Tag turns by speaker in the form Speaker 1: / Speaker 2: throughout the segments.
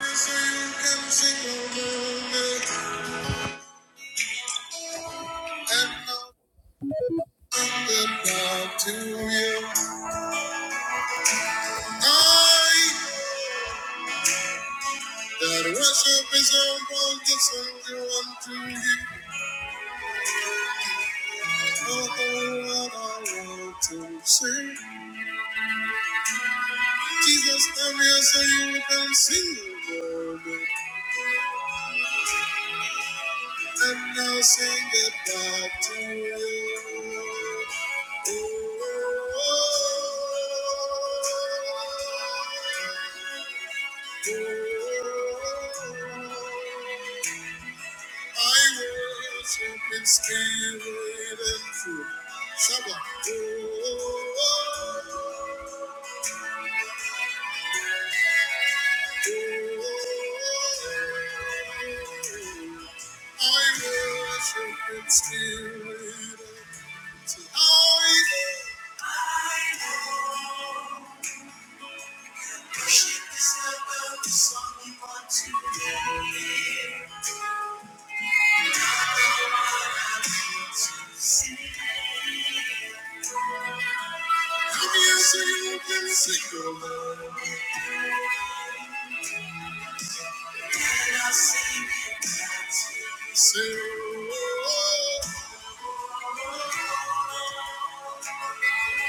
Speaker 1: you you. sing to to I I that worship is a wonderful unto you. Oh, what I want to sing. Jesus, come here so you can sing the word and now sing it back to you. Oh. oh, oh. I worship in spirit and truth. Shabbat. I worship in spirit and truth. I worship is about the song we want to hear. Come here, sing, let Can I sing it oh,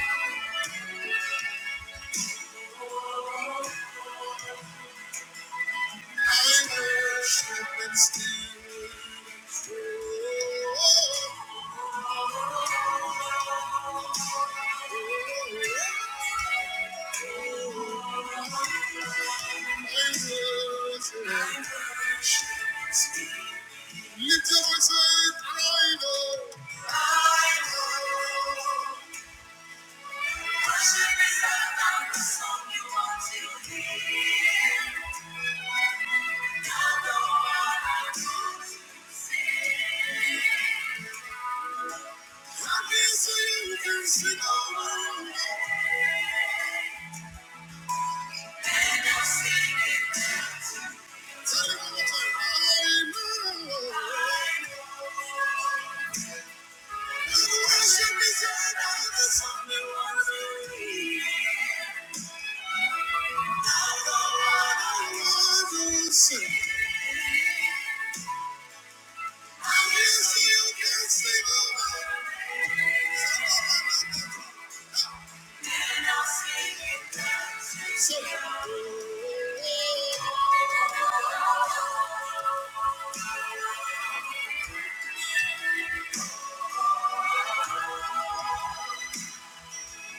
Speaker 1: oh. Lift your voice and cry, Lord. I will sing it too. Tell him one more time. I know. Thank you.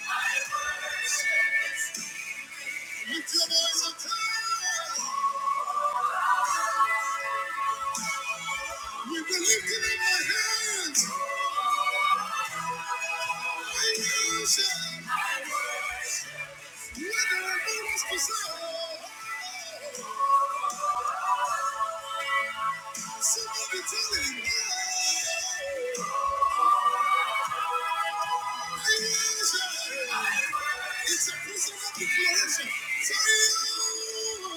Speaker 1: Lift your voice and cry. We've been lifting up our hands. I worship. Whether or not it's preserved, somebody tell him, "Yeah, I worship." It's a personal declaration. Say, you.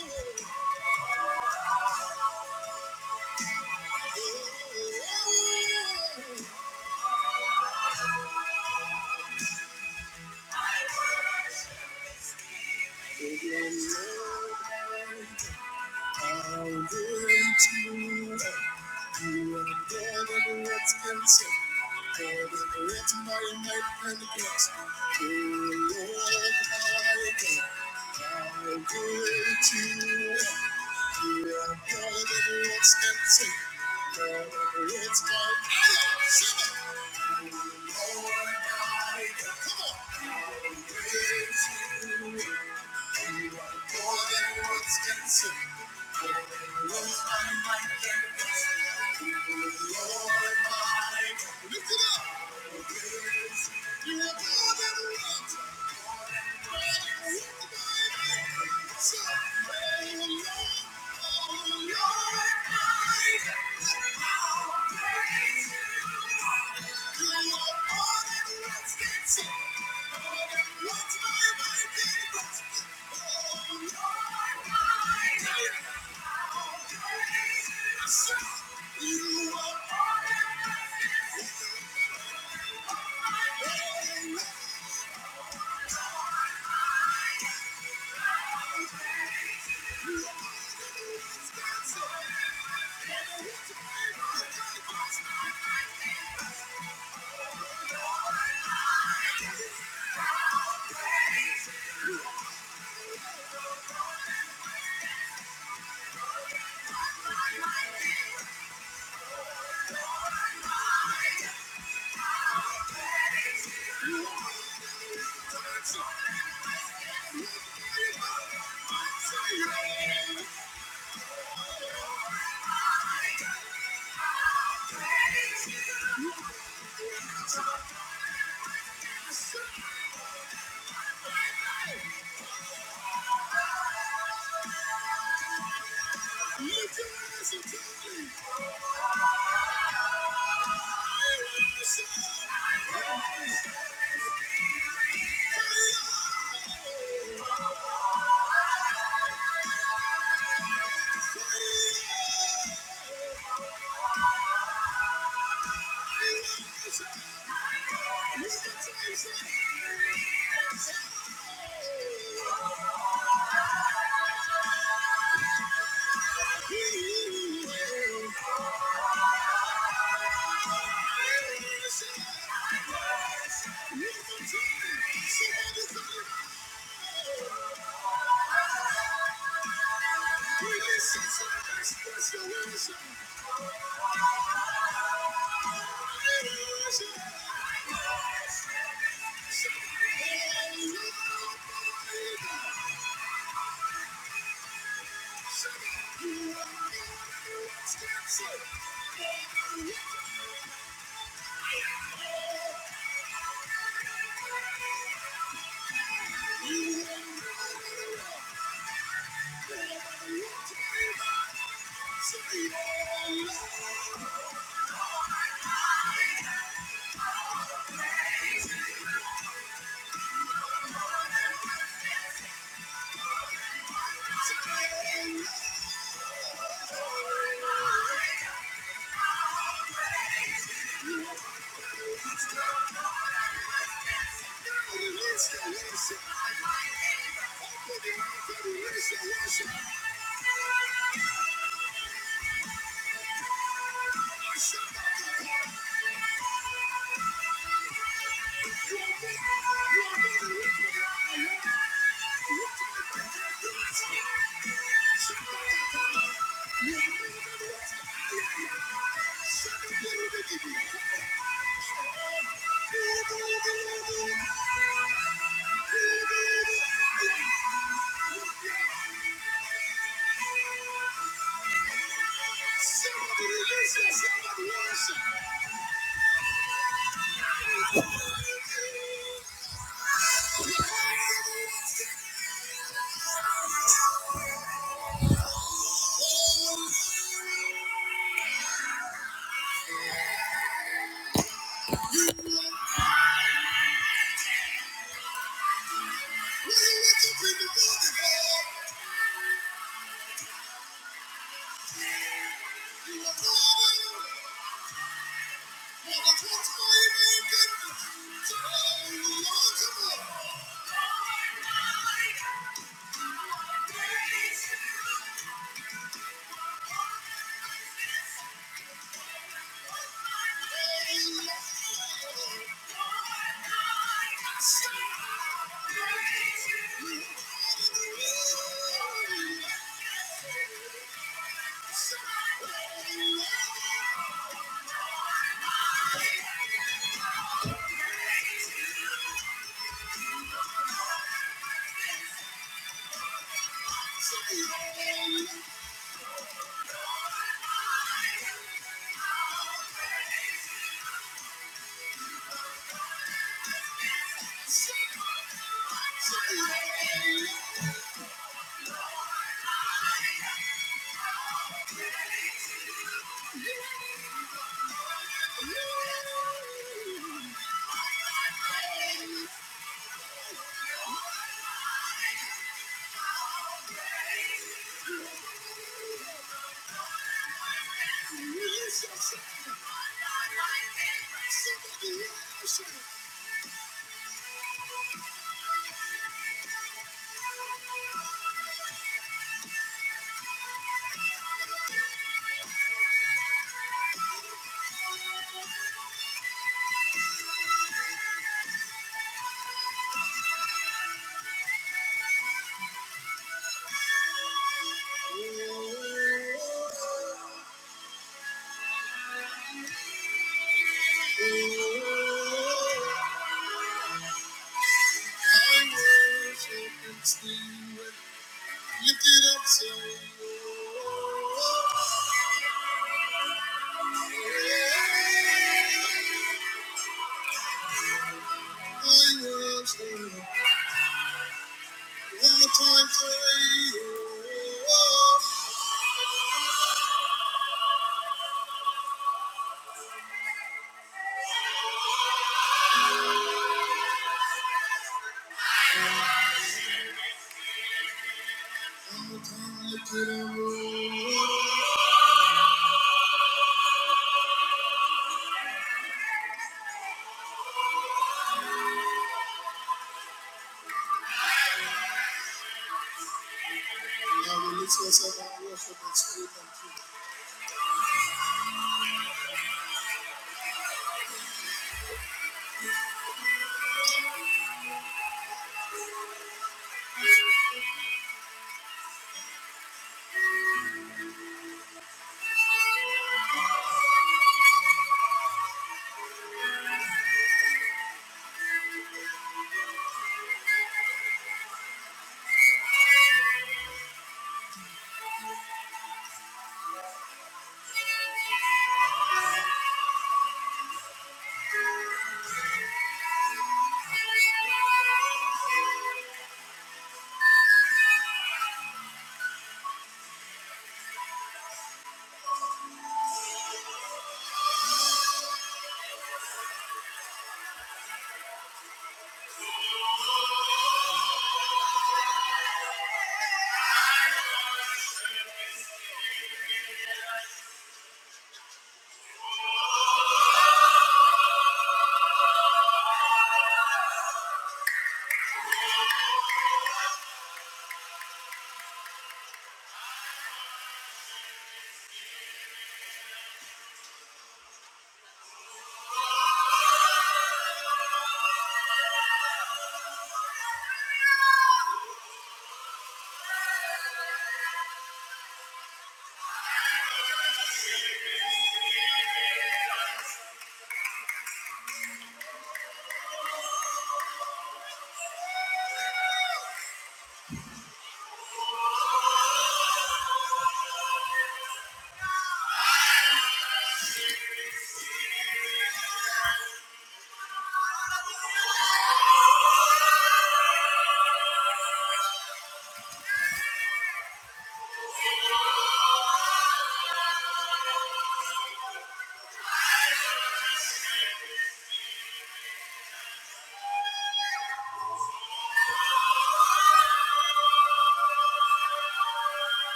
Speaker 1: If your love, I'll wait for you. You are more than what's expected. I'll wait for my love. I'll wait for you. You are more than what's expected. Come on, come on, come on, come on! More than words can say. Lord, my mind can express. Lord, my mind. Lift it up. You are more than words. You are all that matters. Lord of the Dance, I'll raise you. I'm gonna swing it, holding on by my name. Thank you. Thank you. Thank you. Listen, listen. Somebody worship, somebody worship. Thank you. Thank you. Thank you. Thank you. Lift yourself and worship and spirit and truth.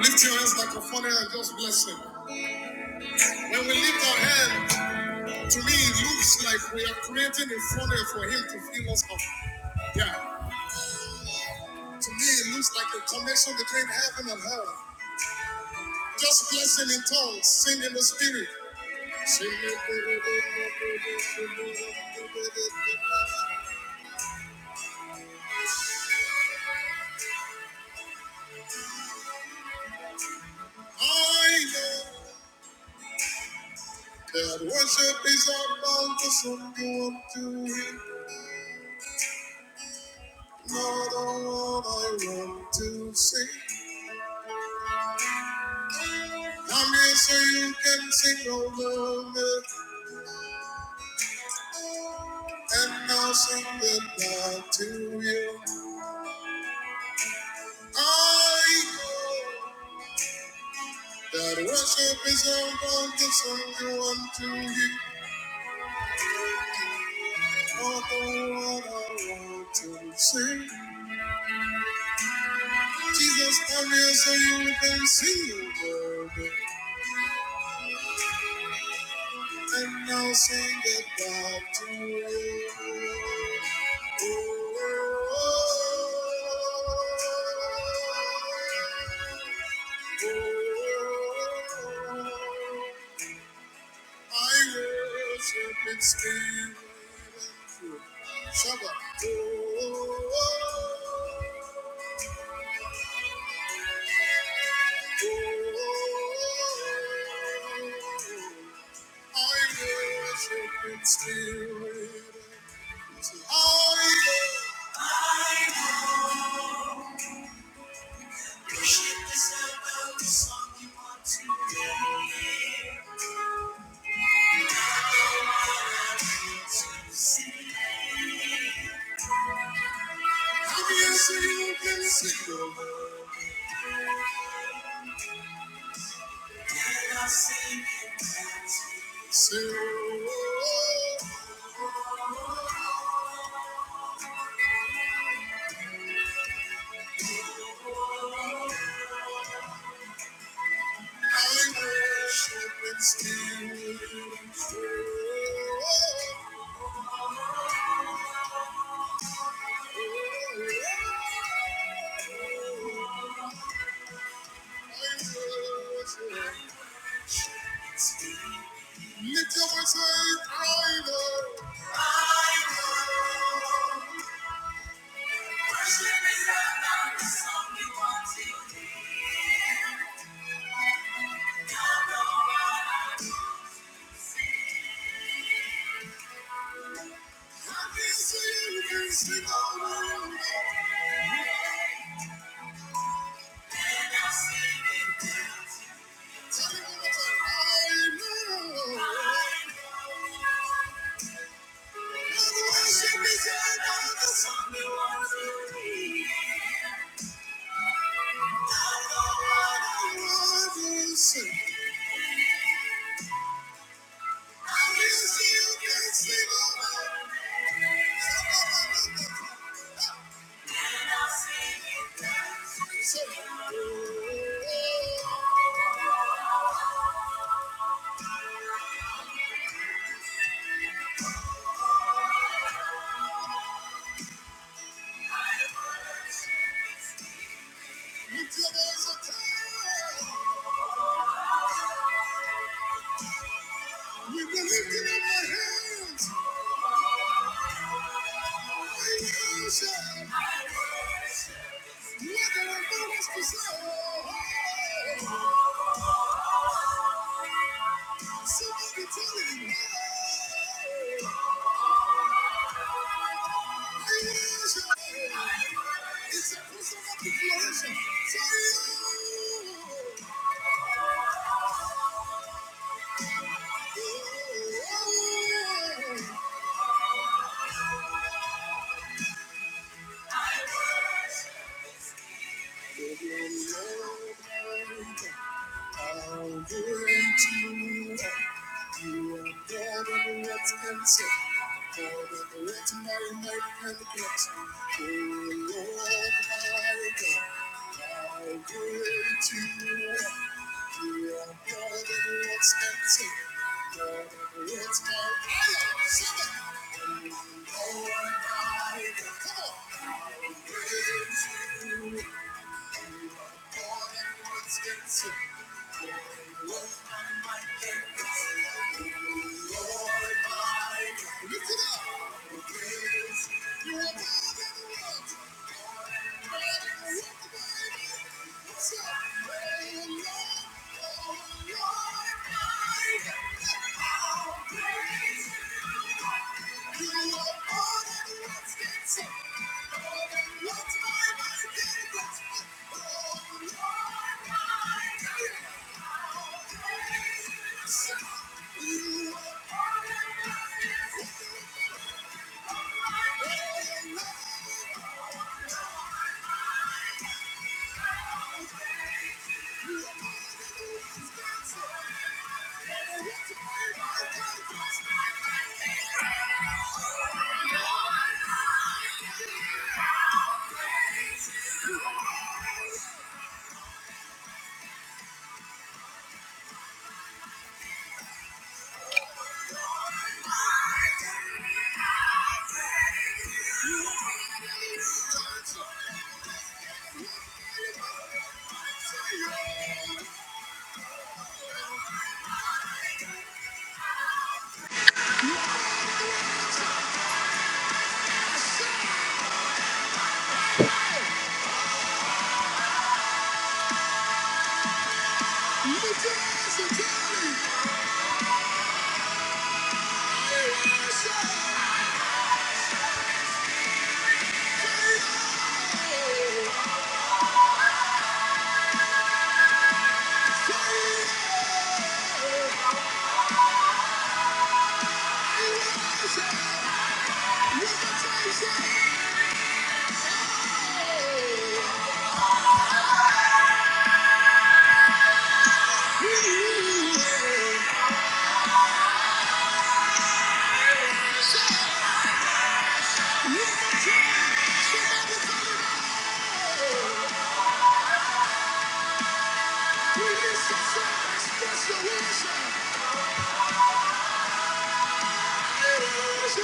Speaker 1: Lift your hands like a funny and just bless him. When we lift our hands, To me, it looks like we are creating a funnel for him to fill us up. Yeah. To me, it looks like a connection between heaven and hell. Just blessing in tongues, sing in the spirit. I know that worship is a bountiful good to him. Not all I want to sing. I'm here so you can sing over me. and I'll sing the love to you. I know that worship is all going to sing you unto you. All the world I want to sing. Jesus, I'm here so you can see the word, and I'll sing the love to you. Oh oh oh oh oh I worship in spirit and truth. Shabbat. Oh, oh oh. I worship in spirit and truth. I worship in spirit. And I Thank you. Lift your voice and cry, Lord. I know. Worship is not the song we want to hear. Don't know what Come on, sing. Happy so you can sing all along. I will see you can sleep over. Look at our bonus for sale. Let's marry, marry, and the blessing. Oh, Lord, my God. Come on. What's on my mind? Lift it up, raise it up. You're more than I could ever want. What's on my mind? I'll raise you up. Thank you. You Yeah. Release your worship! Open your mouth and release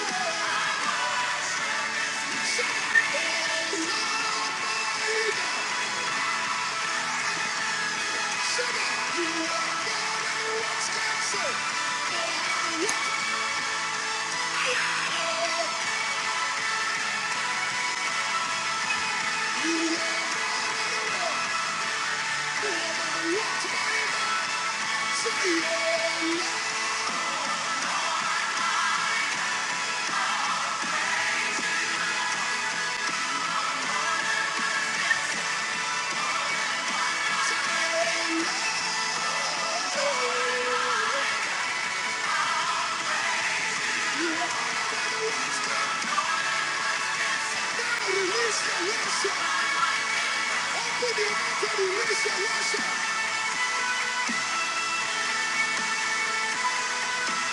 Speaker 1: your worship!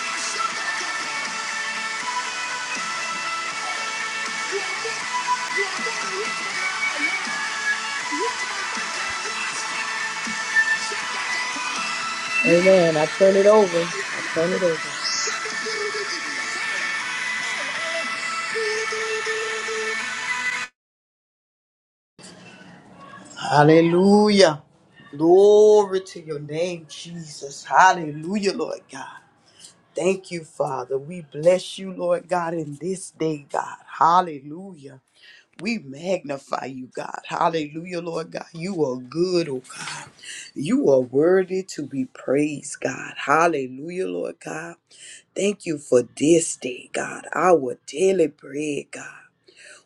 Speaker 1: Shut up! Amen.
Speaker 2: Hallelujah. Glory to your name, Jesus. Hallelujah, Lord God. Thank you, Father. We bless you, Lord God, in this day, God. Hallelujah. We magnify you, God. Hallelujah, Lord God. You are good, oh God. You are worthy to be praised, God. Hallelujah, Lord God. Thank you for this day, God. Our daily bread, God.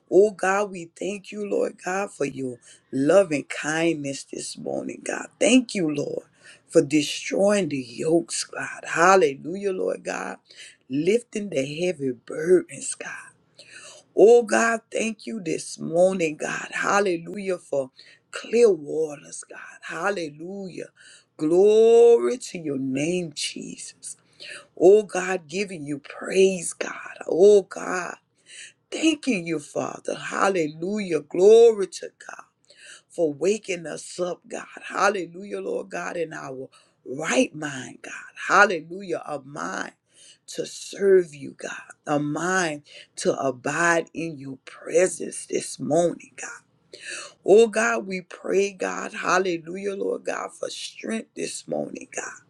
Speaker 2: Oh God, we thank you, Lord God, for your love and kindness this morning, God. Thank you, Lord, for destroying the yokes, God. Hallelujah, Lord God. Lifting the heavy burdens, God. Oh God, thank you this morning, God. Hallelujah, for clear waters, God. Hallelujah. Glory to your name, Jesus. Oh God, giving you praise, God. Oh God. Thanking you, Father. Hallelujah. Glory to God for waking us up, God. Hallelujah, Lord God, in our right mind, God. Hallelujah. A mind to serve you, God. A mind to abide in your presence this morning, God. Oh, God, we pray, God. Hallelujah, Lord God, for strength this morning, God.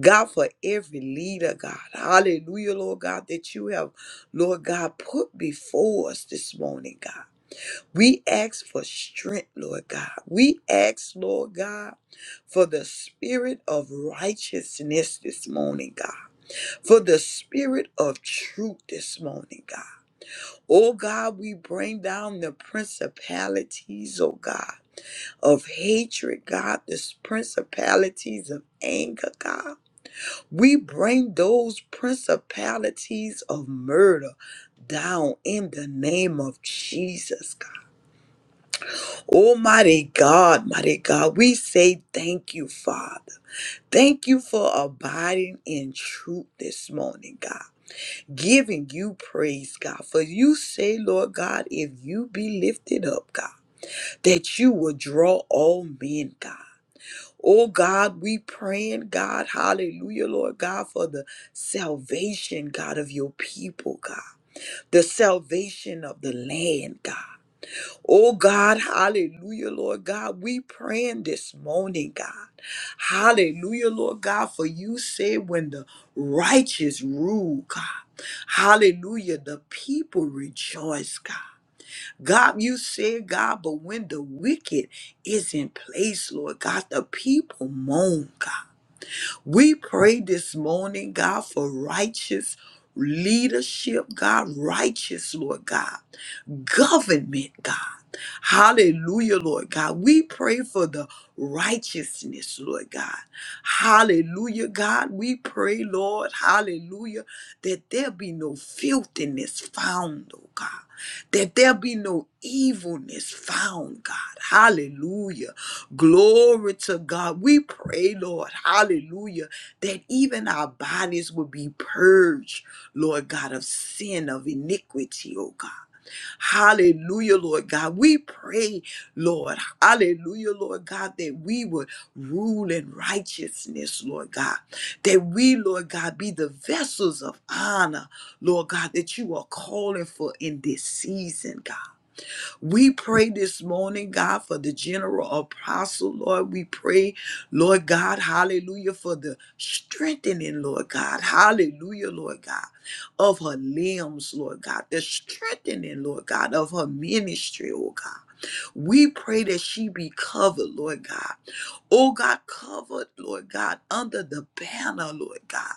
Speaker 2: God, for every leader, God. Hallelujah, Lord God, that you have, Lord God, put before us this morning, God. We ask for strength, Lord God. We ask, Lord God, for the spirit of righteousness this morning, God. For the spirit of truth this morning, God. Oh God, we bring down the principalities, oh God, of hatred, God, the principalities of anger, God. We bring those principalities of murder down in the name of Jesus, Oh, mighty God, mighty God, we say thank you, Father. Thank you for abiding in truth this morning, God. Giving you praise, God. For you say, Lord God, if you be lifted up, God, that you will draw all men, God. Oh God, we praying, God, hallelujah, Lord God, for the salvation, God, of your people, God, the salvation of the land, God. Oh God, hallelujah, Lord God. We praying this morning, God. Hallelujah, Lord God, for you say when the righteous rule, God. Hallelujah, the people rejoice, God. God, you say, God, but when the wicked is in place, Lord God, the people moan, God. We pray this morning, God, for righteous leadership, God, righteous, Lord God government, God. Hallelujah, Lord God. We pray for the righteousness, Lord God. Hallelujah, God. We pray, Lord, hallelujah, that there be no filthiness found, oh God. That there be no evilness found, God. Hallelujah. Glory to God. We pray, Lord, hallelujah, that even our bodies will be purged, Lord God, of sin, of iniquity, oh God. Hallelujah, Lord God. We pray, Lord. Hallelujah, Lord God, that we would rule in righteousness, Lord God. That we, Lord God, be the vessels of honor, Lord God, that you are calling for in this season, God. We pray this morning, God, for the general apostle, Lord. We pray, Lord God, hallelujah, for the strengthening, Lord God, hallelujah, Lord God, of her limbs, Lord God, the strengthening, Lord God, of her ministry, oh God. We pray that she be covered, Lord God. Oh God, covered, Lord God, under the banner, Lord God.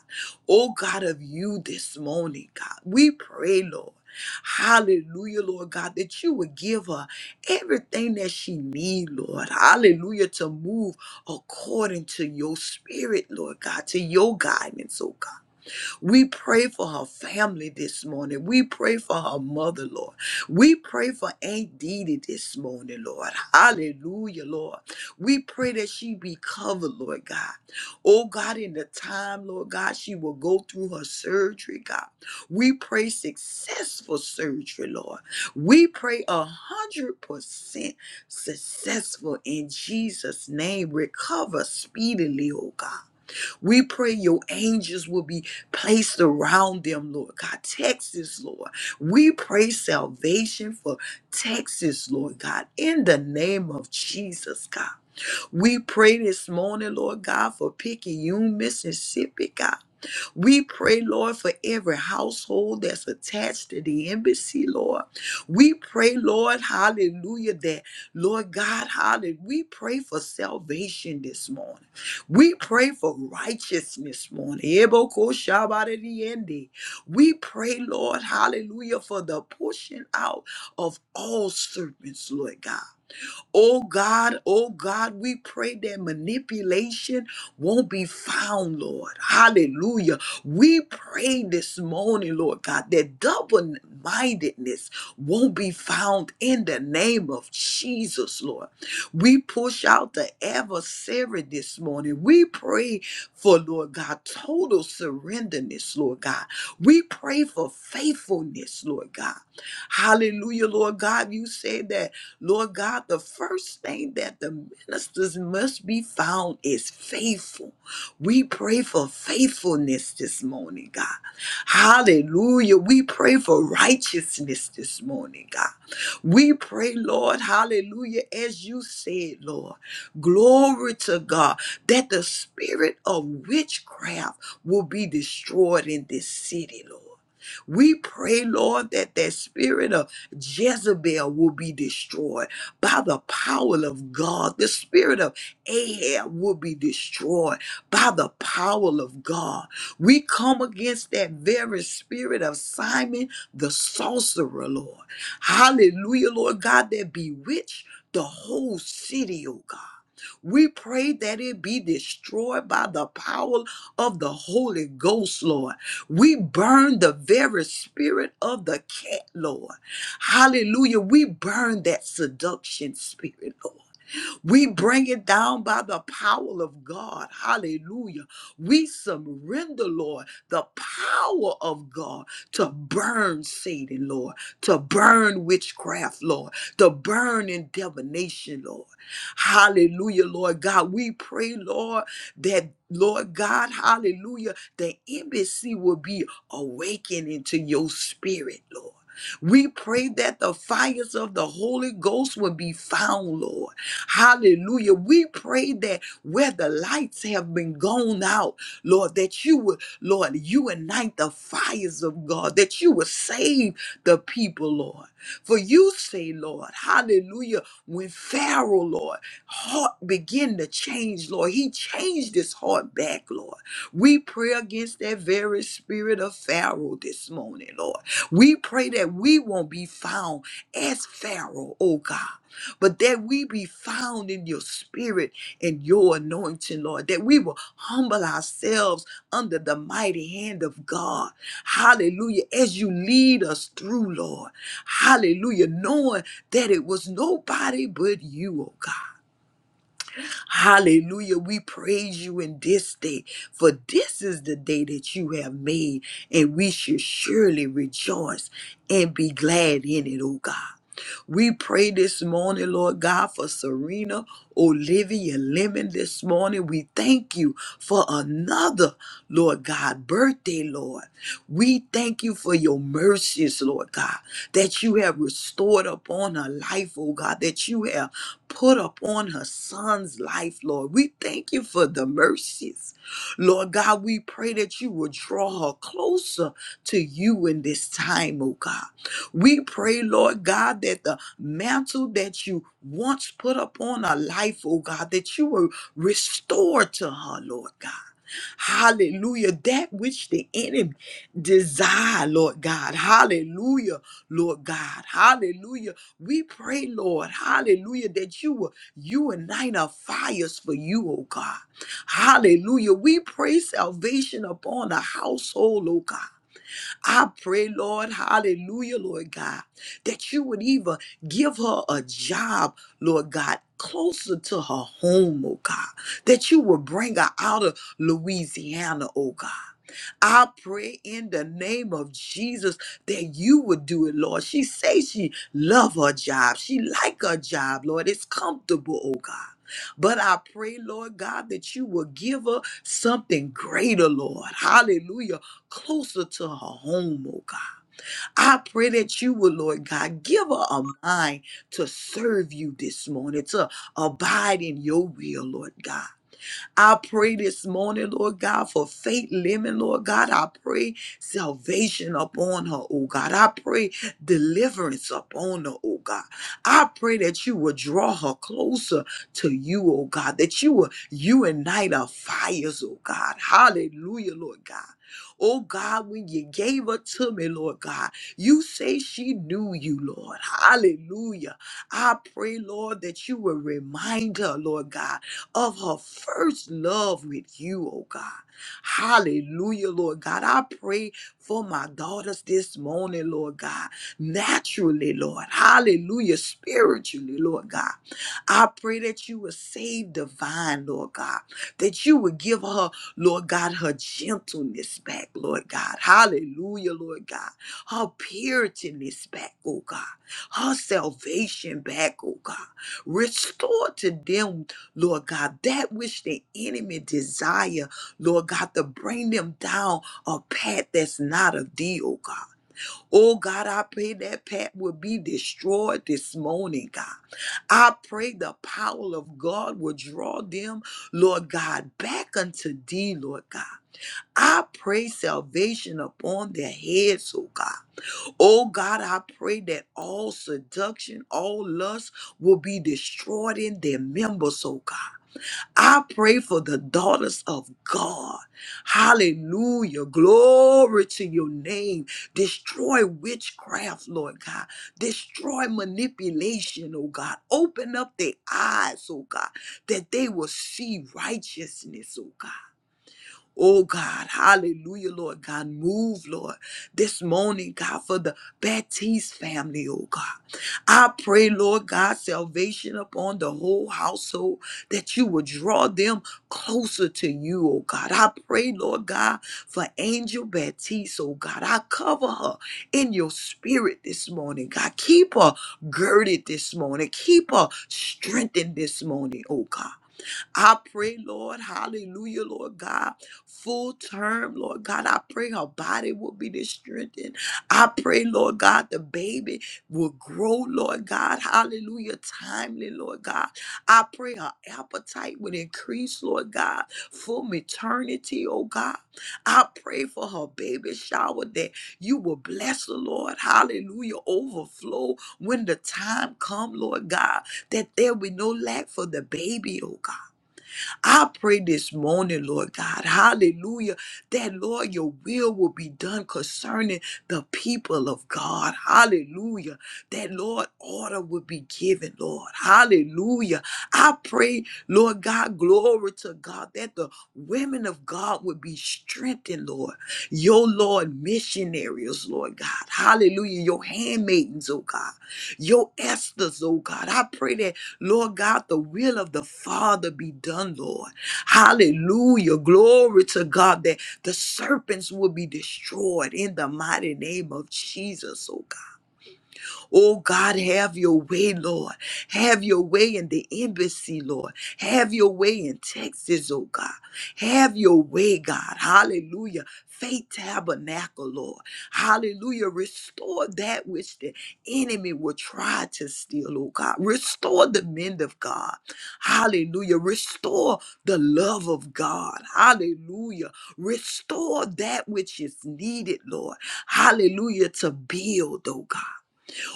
Speaker 2: Oh God of you this morning, God. We pray, Lord. Hallelujah, Lord God, that you would give her everything that she need, Lord. Hallelujah, to move according to your spirit, Lord God, to your guidance, oh God. We pray for her family this morning. We pray for her mother, Lord. We pray for Aunt Didi this morning, Lord. Hallelujah, Lord. We pray that she be covered, Lord God. Oh God, in the time, Lord God, she will go through her surgery, God. We pray successful surgery, Lord. We pray a hundred percent successful in Jesus' name. Recover speedily, oh God. We pray your angels will be placed around them, Lord God. Texas, Lord. We pray salvation for Texas, Lord God, in the name of Jesus, God. We pray this morning, Lord God, for Picayune, Mississippi, God. We pray, Lord, for every household that's attached to the embassy, Lord. We pray, Lord, hallelujah, that, Lord God, hallelujah. We pray for salvation this morning. We pray for righteousness morning. Ebokoshabaririende. We pray, Lord, hallelujah, for the pushing out of all serpents, Lord God. Oh God, oh God, we pray that manipulation won't be found, Lord. Hallelujah. We pray this morning, Lord God, that double mindedness won't be found in the name of Jesus, Lord. We push out the adversary this morning. We pray for, Lord God, total surrenderness, Lord God. We pray for faithfulness, Lord God. Hallelujah, Lord God. You said that Lord God, the first thing that the ministers must be found is faithful. We pray for faithfulness this morning, God. Hallelujah. We pray for righteousness this morning, God. We pray, Lord, hallelujah, as you said, Lord. Glory to God that the spirit of witchcraft will be destroyed in this city, Lord. We pray, Lord, that that spirit of Jezebel will be destroyed by the power of God. The spirit of Ahab will be destroyed by the power of God. We come against that very spirit of Simon the sorcerer, Lord. Hallelujah, Lord God, that bewitched the whole city, oh God. We pray that it be destroyed by the power of the Holy Ghost, Lord. We burn the very spirit of the cat, Lord. Hallelujah. We burn that seduction spirit, Lord. We bring it down by the power of God. Hallelujah. We surrender, Lord, the power of God to burn Satan, Lord, to burn witchcraft, Lord, to burn in divination, Lord. Hallelujah, Lord God. We pray, Lord, that. Lord God, hallelujah, the embassy will be awakened into your spirit, Lord. We pray that the fires of the Holy Ghost will be found, Lord. Hallelujah. We pray that where the lights have been gone out, Lord, that you would, Lord, you ignite the fires of God, that you would save the people, Lord. For you say, Lord, hallelujah, when Pharaoh, Lord, heart began to change, Lord, he changed his heart back, Lord. We pray against that very spirit of Pharaoh this morning, Lord. We pray that we won't be found as Pharaoh, oh God but that we be found in your spirit and your anointing, Lord, that we will humble ourselves under the mighty hand of God. Hallelujah. As you lead us through, Lord. Hallelujah. Knowing that it was nobody but you, oh God. Hallelujah. We praise you in this day, for this is the day that you have made, and we should surely rejoice and be glad in it, oh God. We pray this morning, Lord God, for Serena, Olivia Lemon this morning. We thank you for another, Lord God, birthday, Lord. We thank you for your mercies, Lord God, that you have restored upon her life, oh God, that you have put upon her son's life, Lord. We thank you for the mercies. Lord God, we pray that you will draw her closer to you in this time, oh God. We pray, Lord God, that the mantle that you once put upon her life, oh God, that you will restore to her, Lord God. Hallelujah. That which the enemy desire, Lord God. Hallelujah, Lord God. Hallelujah. We pray, Lord, hallelujah, that you will you ignite our fires for you, oh God. Hallelujah. We pray salvation upon a household, oh God. I pray, Lord, hallelujah, Lord God, that you would even give her a job, Lord God, closer to her home, oh God, that you would bring her out of Louisiana, oh God. I pray in the name of Jesus that you would do it, Lord. She says she love her job. She like her job, Lord. It's comfortable, oh God. But I pray, Lord God, that you will give her something greater, Lord. Hallelujah. Closer to her home, oh God. I pray that you will, Lord God, give her a mind to serve you this morning, to abide in your will, Lord God. I pray this morning, Lord God, for Faith Lemon, Lord God. I pray salvation upon her, oh God. I pray deliverance upon her, oh God. I pray that you will draw her closer to you, oh God, that you will unite our fires, oh God. Hallelujah, Lord God. Oh God, when you gave her to me, Lord God, you say she knew you, Lord. Hallelujah. I pray, Lord, that you will remind her, Lord God, of her first love with you, oh God. Hallelujah, Lord God. I pray for my daughters this morning, Lord God. Naturally, Lord. Hallelujah. Spiritually, Lord God. I pray that you will save divine, Lord God. That you will give her, Lord God, her gentleness back, Lord God. Hallelujah, Lord God. Her purityness back, oh God. Her salvation back, oh God. Restore to them Lord God, that which the enemy desire, Lord God, to bring them down a path that's not of thee, oh God. Oh God, I pray that path will be destroyed this morning, God. I pray the power of God will draw them, Lord God, back unto thee, Lord God. I pray salvation upon their heads, oh God. Oh God, I pray that all seduction, all lust will be destroyed in their members, oh God. I pray for the daughters of God. Hallelujah. Glory to your name. Destroy witchcraft, Lord God. Destroy manipulation, oh God. Open up their eyes, oh God, that they will see righteousness, oh God. Oh God, hallelujah, Lord God. Move, Lord, this morning, God, for the Baptiste family, oh God. I pray, Lord God, salvation upon the whole household, that you would draw them closer to you, oh God. I pray, Lord God, for Angel Baptiste, oh God. I cover her in your spirit this morning, God. Keep her girded this morning. Keep her strengthened this morning, oh God. I pray, Lord, hallelujah, Lord God, full term, Lord God. I pray her body will be strengthened. I pray, Lord God, the baby will grow, Lord God, hallelujah, timely, Lord God. I pray her appetite would increase, Lord God, from eternity, oh God. I pray for her baby shower that you will bless the Lord, hallelujah, overflow when the time come, Lord God, that there be no lack for the baby, oh God. I pray this morning, Lord God, hallelujah, that, Lord, your will will be done concerning the people of God, hallelujah, that, Lord, order will be given, Lord, hallelujah. I pray, Lord God, glory to God, that the women of God would be strengthened, Lord, your, Lord, missionaries, Lord God, hallelujah, your handmaidens, oh God, your Esther's, oh God. I pray that. Lord God, the will of the Father be done, Lord. Hallelujah. Glory to God that the serpents will be destroyed in the mighty name of Jesus, oh God. Oh God, have your way, Lord. Have your way in the embassy, Lord. Have your way in Texas, oh God. Have your way, God. Hallelujah. Faith tabernacle, Lord. Hallelujah. Restore that which the enemy will try to steal, oh God. Restore the men of God. Hallelujah. Restore the love of God. Hallelujah. Restore that which is needed, Lord. Hallelujah. To build, oh God.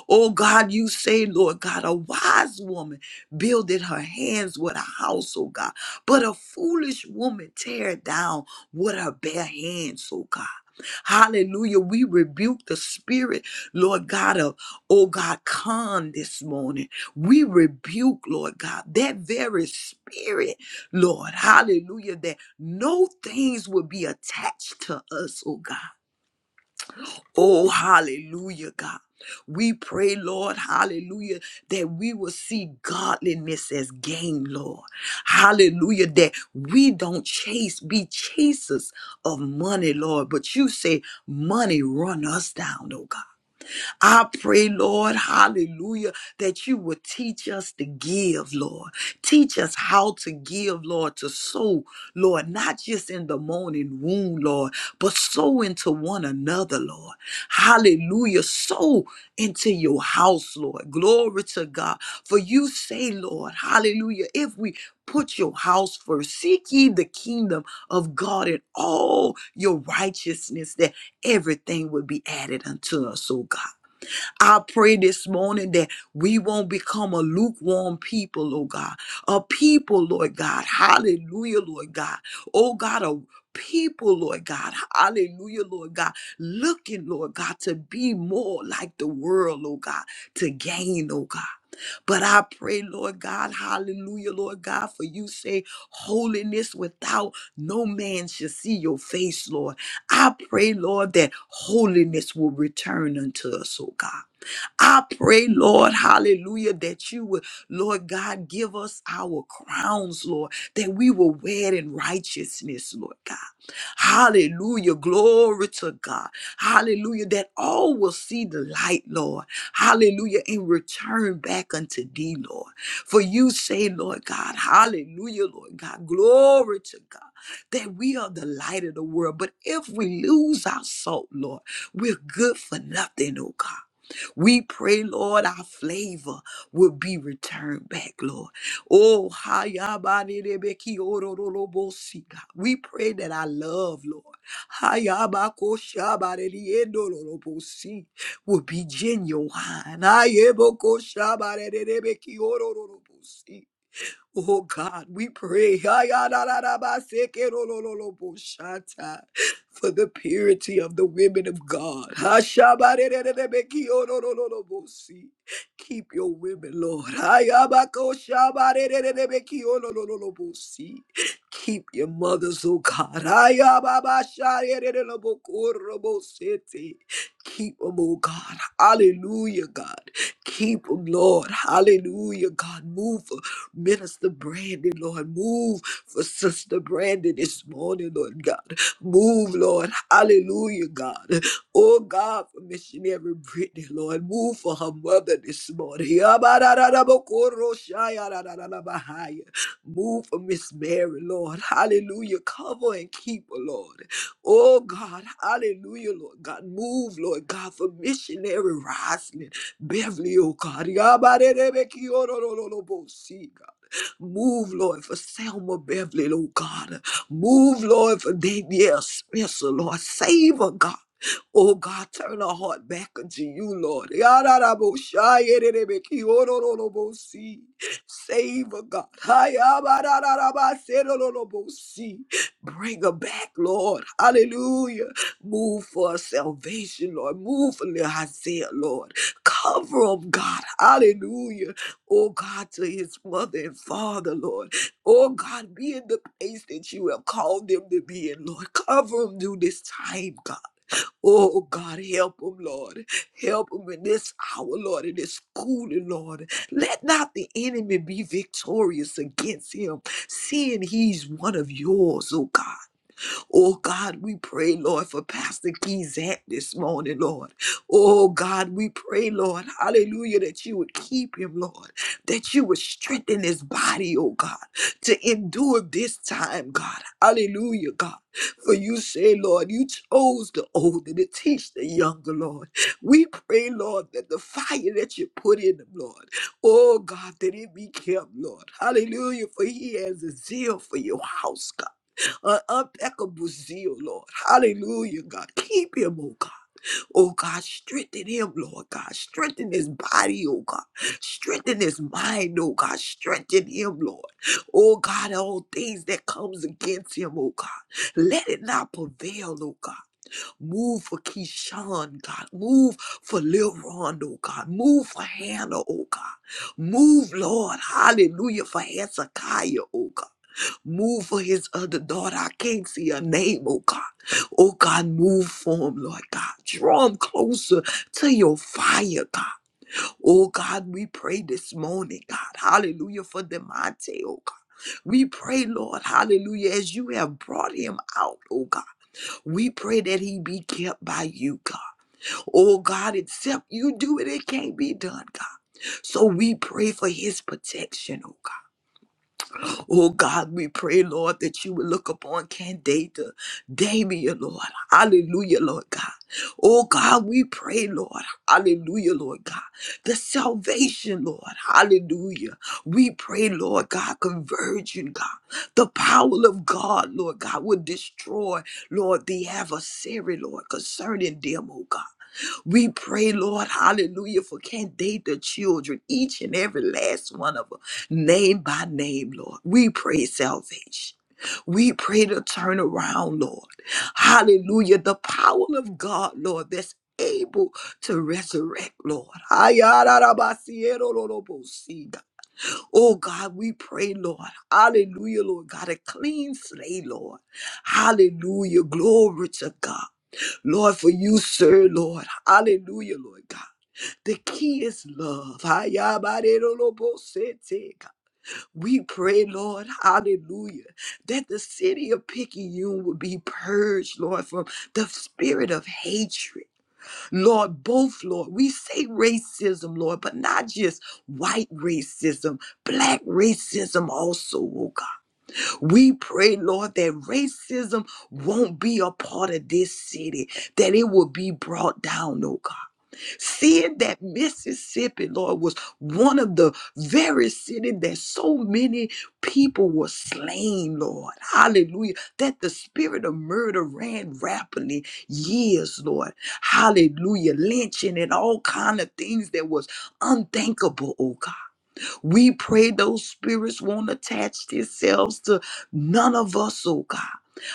Speaker 2: Oh God, you say, Lord God, a wise woman builded her hands with a house, oh God, but a foolish woman tear down with her bare hands, oh God. Hallelujah. We rebuke the spirit, Lord God, of, oh God, con this morning. We rebuke, Lord God, that very spirit, Lord, hallelujah, that no things will be attached to us, oh God. Oh, hallelujah, God. We pray, Lord, hallelujah, that we will see godliness as gain, Lord. Hallelujah, that we don't chase, be chasers of money, Lord. But you say money run us down, oh God. I pray, Lord, hallelujah, that you would teach us to give, Lord. Teach us how to give, Lord, to sow, Lord, not just in the morning womb, Lord, but sow into one another, Lord. Hallelujah. Sow into your house, Lord. Glory to God. For you say, Lord, hallelujah, if we put your house first, seek ye the kingdom of God and all your righteousness, that everything would be added unto us, oh God. I pray this morning that we won't become a lukewarm people, oh God. A people, Lord God. Hallelujah, Lord God. Oh God, a people, Lord God. Hallelujah, Lord God. Looking, Lord God, to be more like the world, oh God, to gain, oh God. But I pray, Lord God, hallelujah, Lord God, for you say holiness without no man shall see your face, Lord. I pray, Lord, that holiness will return unto us, oh God. I pray, Lord, hallelujah, that you would, Lord God, give us our crowns, Lord, that we will wear it in righteousness, Lord God. Hallelujah. Glory to God. Hallelujah. That all will see the light, Lord. Hallelujah. And return back unto thee, Lord. For you say, Lord God, hallelujah, Lord God. Glory to God. That we are the light of the world. But if we lose our salt, Lord, we're good for nothing, oh God. We pray, Lord, our flavor will be returned back, Lord. Oh, hayabanebeki orororobosi, God. we pray that our love, Lord, hayabakoshabanediendororobosi, will be genuine. Ayebokoshabanebeki orororobosi. Oh God, we pray for the purity of the women of God. Keep your women, Lord. Ha, ya, ba, si. Keep your mothers, oh God. Ha, ya, Keep them, oh God. Hallelujah, God. Keep them, Lord. Hallelujah, God. Move Minister Brandon, Lord, move for Sister Brandon this morning, Lord God. Move, Lord. Hallelujah, God. Oh, God, for missionary Brittany, Lord. Move for her mother this morning. Yabarararabokoroshayarararabahaya. Move for Miss Mary, Lord. Hallelujah. Cover and keep her, Lord. Oh, God. Hallelujah, Lord God. Move, Lord God, for missionary Roslyn. Beverly, oh God. Yabarebeki, oh, no, no, no, no, bo- see, God. Move, Lord, for Selma Beverly, oh God. Move, Lord, for Danielle Spencer, Lord. Save her, God. Oh God, turn our heart back unto you, Lord. Yararaboshayererebekiorororobosi. Save her, God. Hayabarararabaserororobosi. Bring her back, Lord. Hallelujah. Move for her salvation, Lord. Move for little Isaiah, Lord. Cover him, God. Hallelujah. Oh God, to his mother and father, Lord. Oh God, be in the place that you have called them to be in, Lord. Cover them through this time, God. Oh God, help them, Lord. Help them in this hour, Lord, in this schooling, Lord. Let not the enemy be victorious against him, seeing he's one of yours, oh God. Oh God, we pray, Lord, for Pastor Keyzat this morning, Lord. Oh God, we pray, Lord, hallelujah, that you would keep him, Lord, that you would strengthen his body, oh God, to endure this time, God. Hallelujah, God. For you say, Lord, you chose the older to teach the younger, Lord. We pray, Lord, that the fire that you put in them, Lord, Oh God, that it be kept, Lord. Hallelujah. For he has a zeal for your house, God an unpeccable zeal, Lord. Hallelujah, God. Keep him, oh God. Oh God, strengthen him, Lord God. Strengthen his body, oh God. Strengthen his mind, oh God. Strengthen him, Lord. Oh God, all things that comes against him, oh God. Let it not prevail, oh God. Move for Keyshawn, God. Move for Lil Ron, oh God. Move for Hannah, oh God. Move, Lord. Hallelujah. For Hezekiah, oh God. Move for his other daughter. I can't see her name, oh God. Oh God, move for him, Lord God. Draw him closer to your fire, God. Oh God, we pray this morning, God. Hallelujah for Demonte, oh God. We pray, Lord, hallelujah, as you have brought him out, oh God. We pray that he be kept by you, God. Oh God, except you do it, it can't be done, God. So we pray for his protection, oh God. Oh God, we pray, Lord, that you would look upon Candida, Damien, Lord. Hallelujah, Lord God. Oh God, we pray, Lord. Hallelujah, Lord God. The salvation, Lord. Hallelujah. We pray, Lord God, conversion, God. The power of God, Lord God, will destroy, Lord, the adversary, Lord, concerning them, oh God. We pray, Lord, hallelujah, for Candida the children, each and every last one of them, name by name, Lord. We pray salvation. We pray to turn around, Lord. Hallelujah. The power of God, Lord, that's able to resurrect, Lord. ayarabasiero Oh God, we pray, Lord. Hallelujah, Lord God, a clean slate, Lord. Hallelujah. Glory to God. Lord, for you, sir, Lord. Hallelujah, Lord God. The key is love. Ayabarerolobosete, God. We pray, Lord, hallelujah, that the city of Picayune will be purged, Lord, from the spirit of hatred. Lord, both, Lord. We say racism, Lord, but not just white racism, black racism also, oh we pray, Lord, that racism won't be a part of this city, that it will be brought down, oh God. Seeing that Mississippi, Lord, was one of the very cities that so many people were slain, Lord. Hallelujah. That the spirit of murder ran rapidly years, Lord. Hallelujah. Lynching and all kind of things that was unthinkable, oh God. We pray those spirits won't attach themselves to none of us, oh God.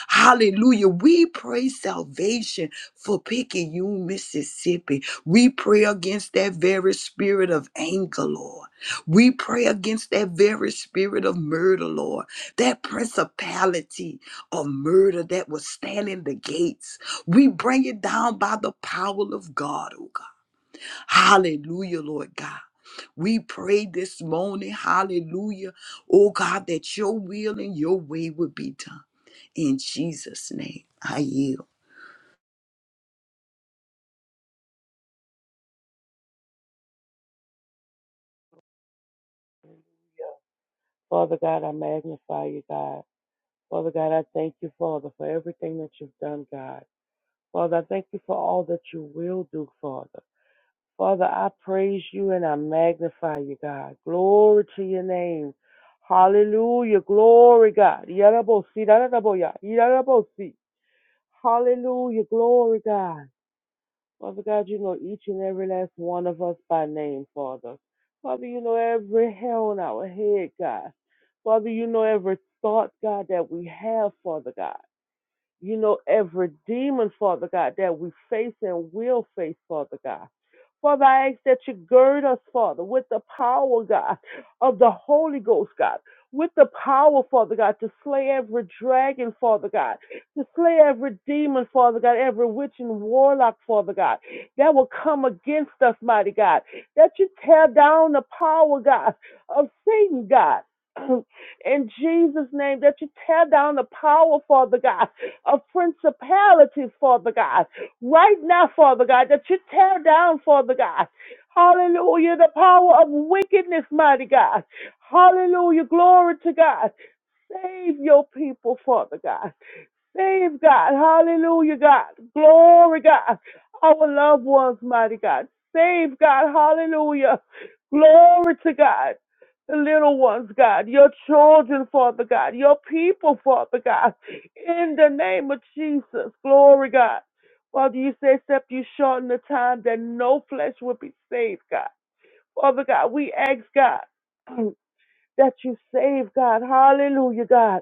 Speaker 2: Hallelujah. We pray salvation for Picayune, Mississippi. We pray against that very spirit of anger, Lord. We pray against that very spirit of murder, Lord. That principality of murder that was standing the gates. We bring it down by the power of God, oh God. Hallelujah, Lord God. We pray this morning, hallelujah, oh God, that your will and your way would be done. In Jesus' name, I yield.
Speaker 3: Father God, I magnify you, God. Father God, I thank you, Father, for everything that you've done, God. Father, I thank you for all that you will do, Father. Father, I praise you and I magnify you, God. Glory to your name. Hallelujah. Glory, God. Yarabosi, yaraboya, yarabosi. Hallelujah. Glory, God. Father God, you know each and every last one of us by name, Father. Father, you know every hair on our head, God. Father, you know every thought, God, that we have, Father God. You know every demon, Father God, that we face and will face, Father God. Father, I ask that you gird us, Father, with the power, God, of the Holy Ghost, God, with the power, Father God, to slay every dragon, Father God, to slay every demon, Father God, every witch and warlock, Father God, that will come against us, mighty God, that you tear down the power, God, of Satan, God. In Jesus' name, that you tear down the power, Father God, of principalities, Father God right now, Father God, that you tear down, Father God. Hallelujah, the power of wickedness, mighty God. Hallelujah, glory to God. Save your people, Father God. Save God. Hallelujah, God. Glory, God. Our loved ones, mighty God. Save God. Hallelujah. Glory to God. The little ones, God. Your children, Father God. Your people, Father God. In the name of Jesus. Glory, God. Father, you say, except you shorten the time that no flesh will be saved, God. Father God, we ask God. that you save, God. Hallelujah, God.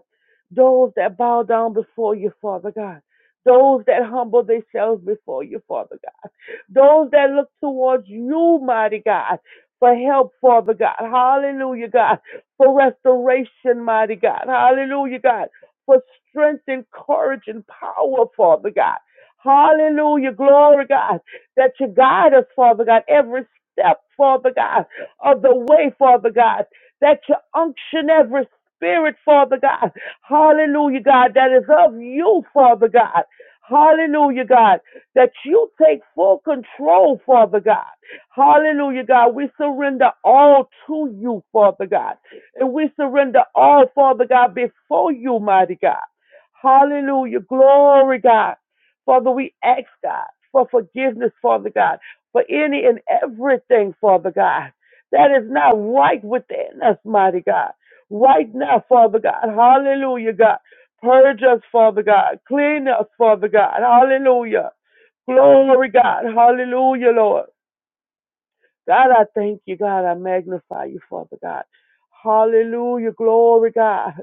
Speaker 3: Those that bow down before you, Father God. Those that humble themselves before you, Father God. Those that look towards you, mighty God, for help, Father God. Hallelujah, God. For restoration, mighty God. Hallelujah, God. For strength and courage and power, Father God. Hallelujah, glory, God. That you guide us, Father God, every step, Father God, of the way, Father God. That you unction every spirit, Father God. Hallelujah, God. That is of you, Father God. Hallelujah, God that you take full control, Father God. Hallelujah, God. We surrender all to you, Father God. And we surrender all, Father God, before you, mighty God. Hallelujah. Glory, God. Father, we ask, God, for forgiveness, Father God, for any and everything, Father God, that is not right within us, mighty God. Right now, Father God. Hallelujah, God. Purge us, Father God. Clean us, Father God. Hallelujah. Glory, God. Hallelujah, Lord. God, I thank you, God. I magnify you, Father God. Hallelujah. Glory, God.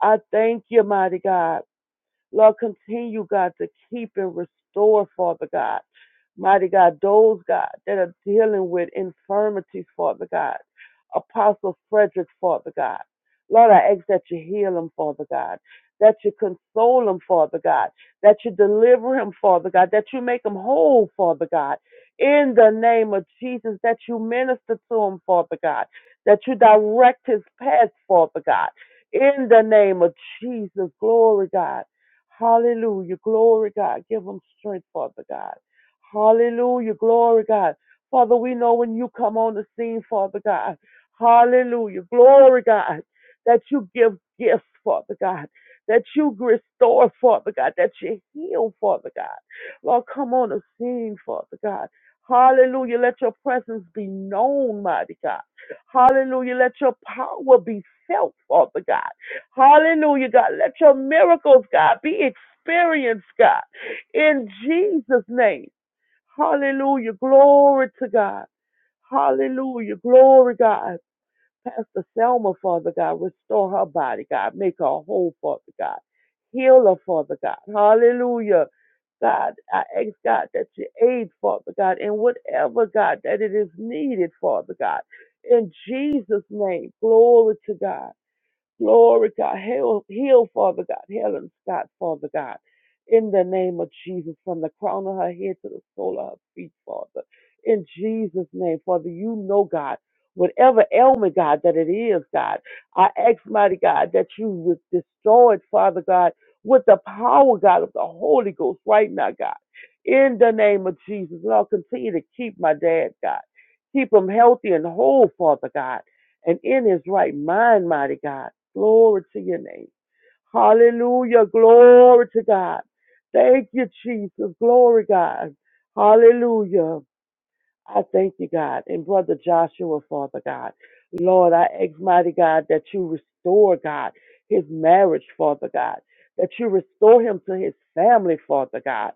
Speaker 3: I thank you, mighty God. Lord, continue, God, to keep and restore, Father God. Mighty God, those, God, that are dealing with infirmities, Father God. Apostle Frederick, Father God. Lord, I ask that you heal him, Father God. That you console him, Father God. That you deliver him, Father God. That you make him whole, Father God. In the name of Jesus, that you minister to him, Father God. That you direct his path, Father God. In the name of Jesus, glory, God. Hallelujah. Glory, God. Give them strength, Father God. Hallelujah. Glory, God. Father, we know when you come on the scene, Father God. Hallelujah. Glory, God. That you give gifts, Father God. That you restore, Father God. That you heal, Father God. Lord, come on the scene, Father God. Hallelujah. Let your presence be known, mighty God. Hallelujah. Let your power be felt, Father God. Hallelujah, God. Let your miracles, God, be experienced, God, in Jesus' name. Hallelujah. Glory to God. Hallelujah. Glory, God. Pastor Selma, Father God, restore her body, God. Make her whole, Father God. Heal her, Father God. Hallelujah. God, I ask God that you aid, Father God, in whatever, God, that it is needed, Father God. In Jesus' name, glory to God. Glory, God. Heal, heal, Father God. Helen Scott, Father God. In the name of Jesus, from the crown of her head to the sole of her feet, Father. In Jesus' name, Father, you know, God, whatever ailment, God, that it is, God, I ask, mighty God, that you would destroy it, Father God, with the power, God, of the Holy Ghost right now, God. In the name of Jesus, Lord, continue to keep my dad, God. Keep him healthy and whole, Father God and in his right mind, mighty God. Glory to your name. Hallelujah. Glory to God. Thank you, Jesus. Glory, God. Hallelujah. I thank you, God. And Brother Joshua, Father God. Lord, I ask, mighty God, that you restore, God, his marriage, Father God. That you restore him to his family, Father God.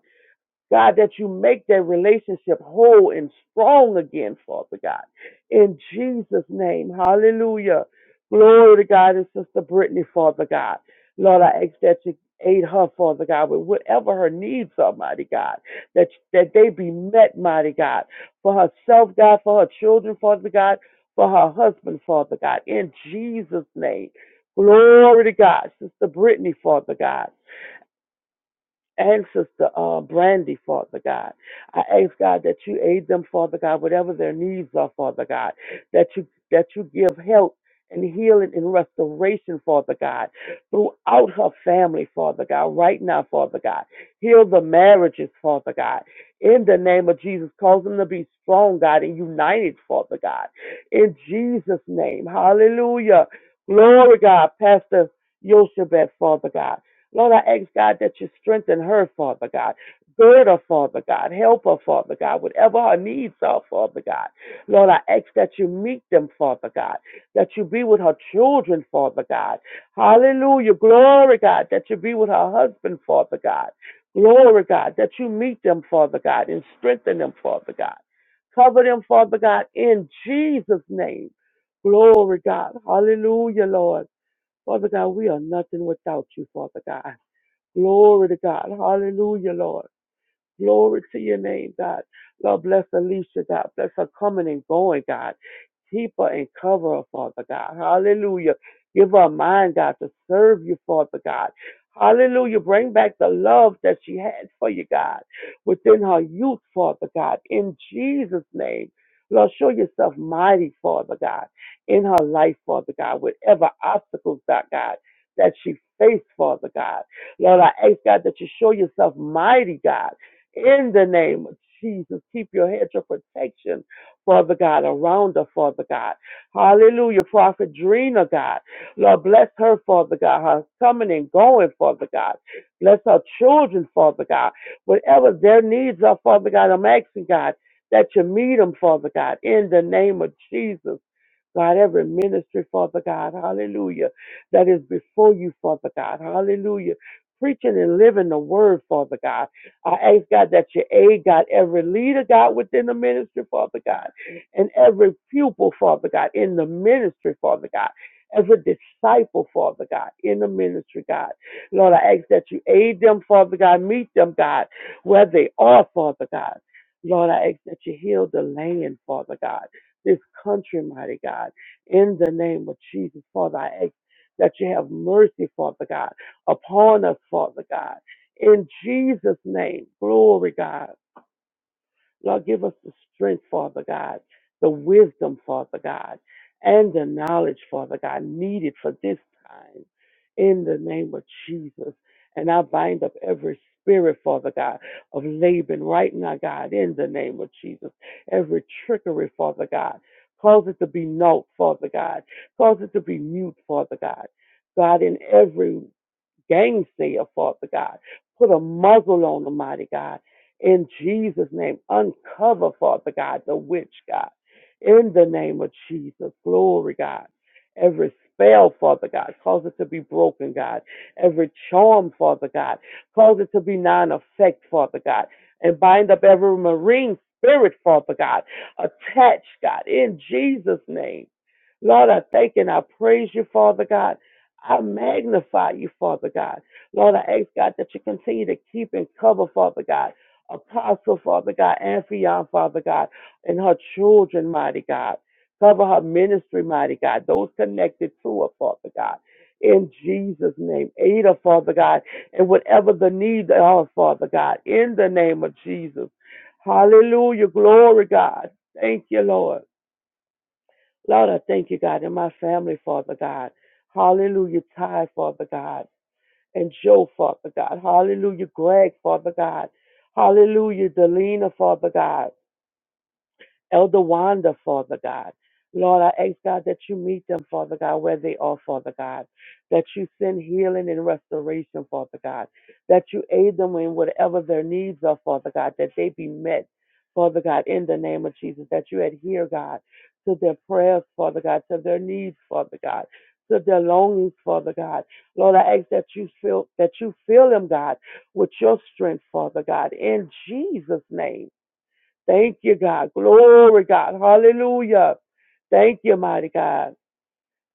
Speaker 3: God, that you make that relationship whole and strong again, Father God. In Jesus' name, hallelujah. Glory to God and Sister Brittany, Father God. Lord, I ask that you aid her, Father God, with whatever her needs are, mighty God, that, that they be met, mighty God, for herself, God, for her children, Father God, for her husband, Father God, in Jesus' name. Glory to God, Sister Brittany, Father God and Sister uh, Brandy, Father God. I ask God that you aid them, Father God, whatever their needs are, Father God, that you that you give help and healing and restoration, Father God, throughout her family, Father God, right now, Father God. Heal the marriages, Father God. In the name of Jesus, cause them to be strong, God, and united, Father God. In Jesus' name, hallelujah. Glory, God, Pastor Yoshebet, Father God. Lord, I ask God that you strengthen her, Father God. Gird her, Father God. Help her, Father God. Whatever her needs are, Father God. Lord, I ask that you meet them, Father God. That you be with her children, Father God. Hallelujah. Glory, God. That you be with her husband, Father God. Glory, God. That you meet them, Father God, and strengthen them, Father God. Cover them, Father God, in Jesus' name. Glory, God. Hallelujah, Lord. Father God, we are nothing without you, Father God. Glory to God. Hallelujah, Lord. Glory to your name, God. Lord, bless Alicia, God. Bless her coming and going, God. Keep her and cover her, Father God. Hallelujah. Give her a mind, God, to serve you, Father God. Hallelujah. Bring back the love that she had for you, God, within her youth, Father God. In Jesus' name. Lord, show yourself mighty, Father God, in her life, Father God, whatever obstacles, God, God, that she faced, Father God. Lord, I ask, God, that you show yourself mighty, God in the name of Jesus. Keep your hedge of protection, Father God, around her, Father God. Hallelujah. Prophet Drina, God. Lord, bless her, Father God. Her coming and going, Father God. Bless her children, Father God. Whatever their needs are, Father God, I'm asking, God, that you meet them, Father God, in the name of Jesus. God, every ministry, Father God, hallelujah, that is before you, Father God, hallelujah. Preaching and living the word, Father God. I ask God that you aid God, every leader, God, within the ministry, Father God, and every pupil, Father God, in the ministry, Father God, every disciple, Father God, in the ministry, God. Lord, I ask that you aid them, Father God, meet them, God, where they are, Father God. Lord, I ask that you heal the land, Father God this country, mighty God, in the name of Jesus, Father, I ask that you have mercy, Father God, upon us, Father God. In Jesus' name, glory, God. Lord, give us the strength, Father God, the wisdom, Father God, and the knowledge, Father God, needed for this time in the name of Jesus. And I bind up every spirit, Father God, of Laban right now, God, in the name of Jesus. Every trickery, Father God. Cause it to be null, Father God. Cause it to be mute, Father God. God, in every gang Father God. Put a muzzle on them, mighty God. In Jesus' name, uncover, Father God, the witch, God. In the name of Jesus, glory, God. Every spell, Father God, cause it to be broken, God. Every charm, Father God, cause it to be non effect, Father God. And bind up every marine spirit, Father God, Attach God, in Jesus' name. Lord, I thank and I praise you, Father God. I magnify you, Father God. Lord, I ask God that you continue to keep and cover, Father God. Apostle, Father God, and Fion, Father God, and her children, mighty God. Cover her ministry, mighty God. Those connected to her, Father God. In Jesus' name. Aid her, Father God, and whatever the need they are, Father God. In the name of Jesus. Hallelujah. Glory, God. Thank you, Lord. Lord, I thank you, God, and my family, Father God. Hallelujah, Ty, Father God, and Joe, Father God. Hallelujah, Greg, Father God. Hallelujah, Delina, Father God. Elder Wanda, Father God. Lord, I ask God that you meet them, Father God, where they are, Father God, that you send healing and restoration, Father God, that you aid them in whatever their needs are, Father God, that they be met, Father God, in the name of Jesus, that you adhere, God, to their prayers, Father God, to their needs, Father God, to their longings, Father God. Lord, I ask that you fill that you fill them, God, with your strength, Father God, in Jesus' name. Thank you, God. Glory, God. Hallelujah. Thank you, mighty God.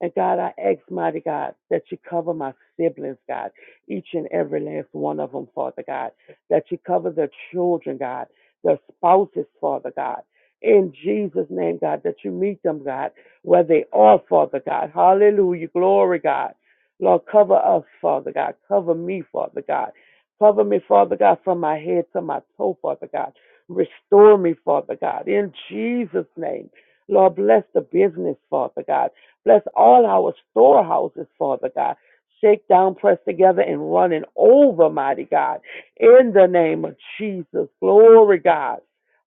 Speaker 3: And God, I ask, mighty God, that you cover my siblings, God, each and every last one of them, Father God, that you cover their children, God, their spouses, Father God. In Jesus' name, God, that you meet them, God, where they are, Father God. Hallelujah. Glory, God. Lord, cover us, Father God. Cover me, Father God. Cover me, Father God, from my head to my toe, Father God. Restore me, Father God. In Jesus' name. Lord, bless the business, Father God. Bless all our storehouses, Father God. Shake down, press together, and running over, mighty God. In the name of Jesus. Glory, God.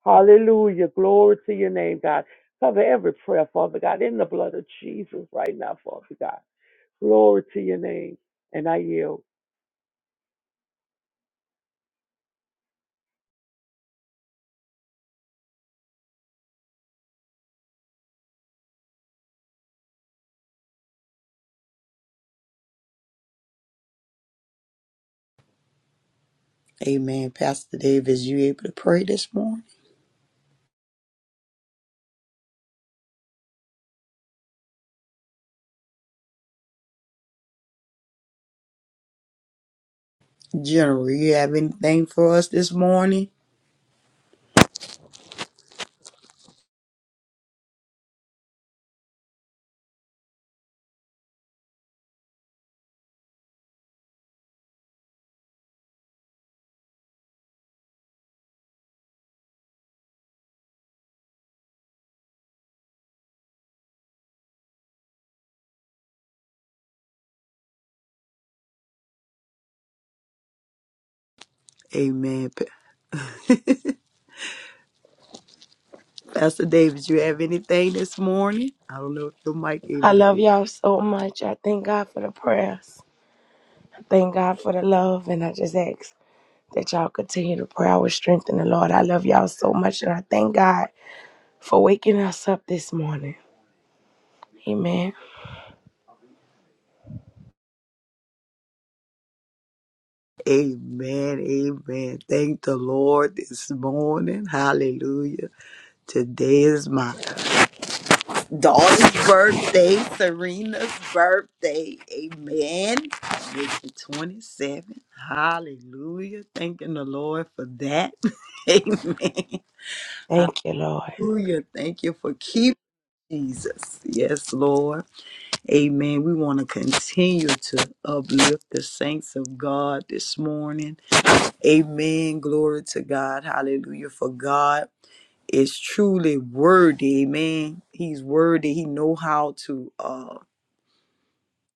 Speaker 3: Hallelujah. Glory to your name, God. Cover every prayer, Father God, in the blood of Jesus right now, Father God. Glory to your name. And I yield.
Speaker 2: Amen. Pastor Davis, you able to pray this morning? General, you have anything for us this morning? Amen. Pa- Pastor Davis, you have anything this morning? I don't know if your mic
Speaker 4: I
Speaker 2: able to
Speaker 4: love
Speaker 2: open.
Speaker 4: y'all so much. I thank God for the prayers. I thank God for the love. And I just ask that y'all continue to pray our strength in the Lord. I love y'all so much. And I thank God for waking us up this morning. Amen.
Speaker 2: Amen. Amen. Thank the Lord this morning. Hallelujah. Today is mine. Dawn's birthday, Serena's birthday. Amen. Make it 27. Hallelujah. Thanking the Lord for that. Amen.
Speaker 4: Thank you, Lord.
Speaker 2: Hallelujah. Thank you for keeping Jesus. Yes, Lord. Amen. We want to continue to uplift the saints of God this morning. Amen. Glory to God. Hallelujah. For God is truly worthy. Amen. He's worthy. He know how to. uh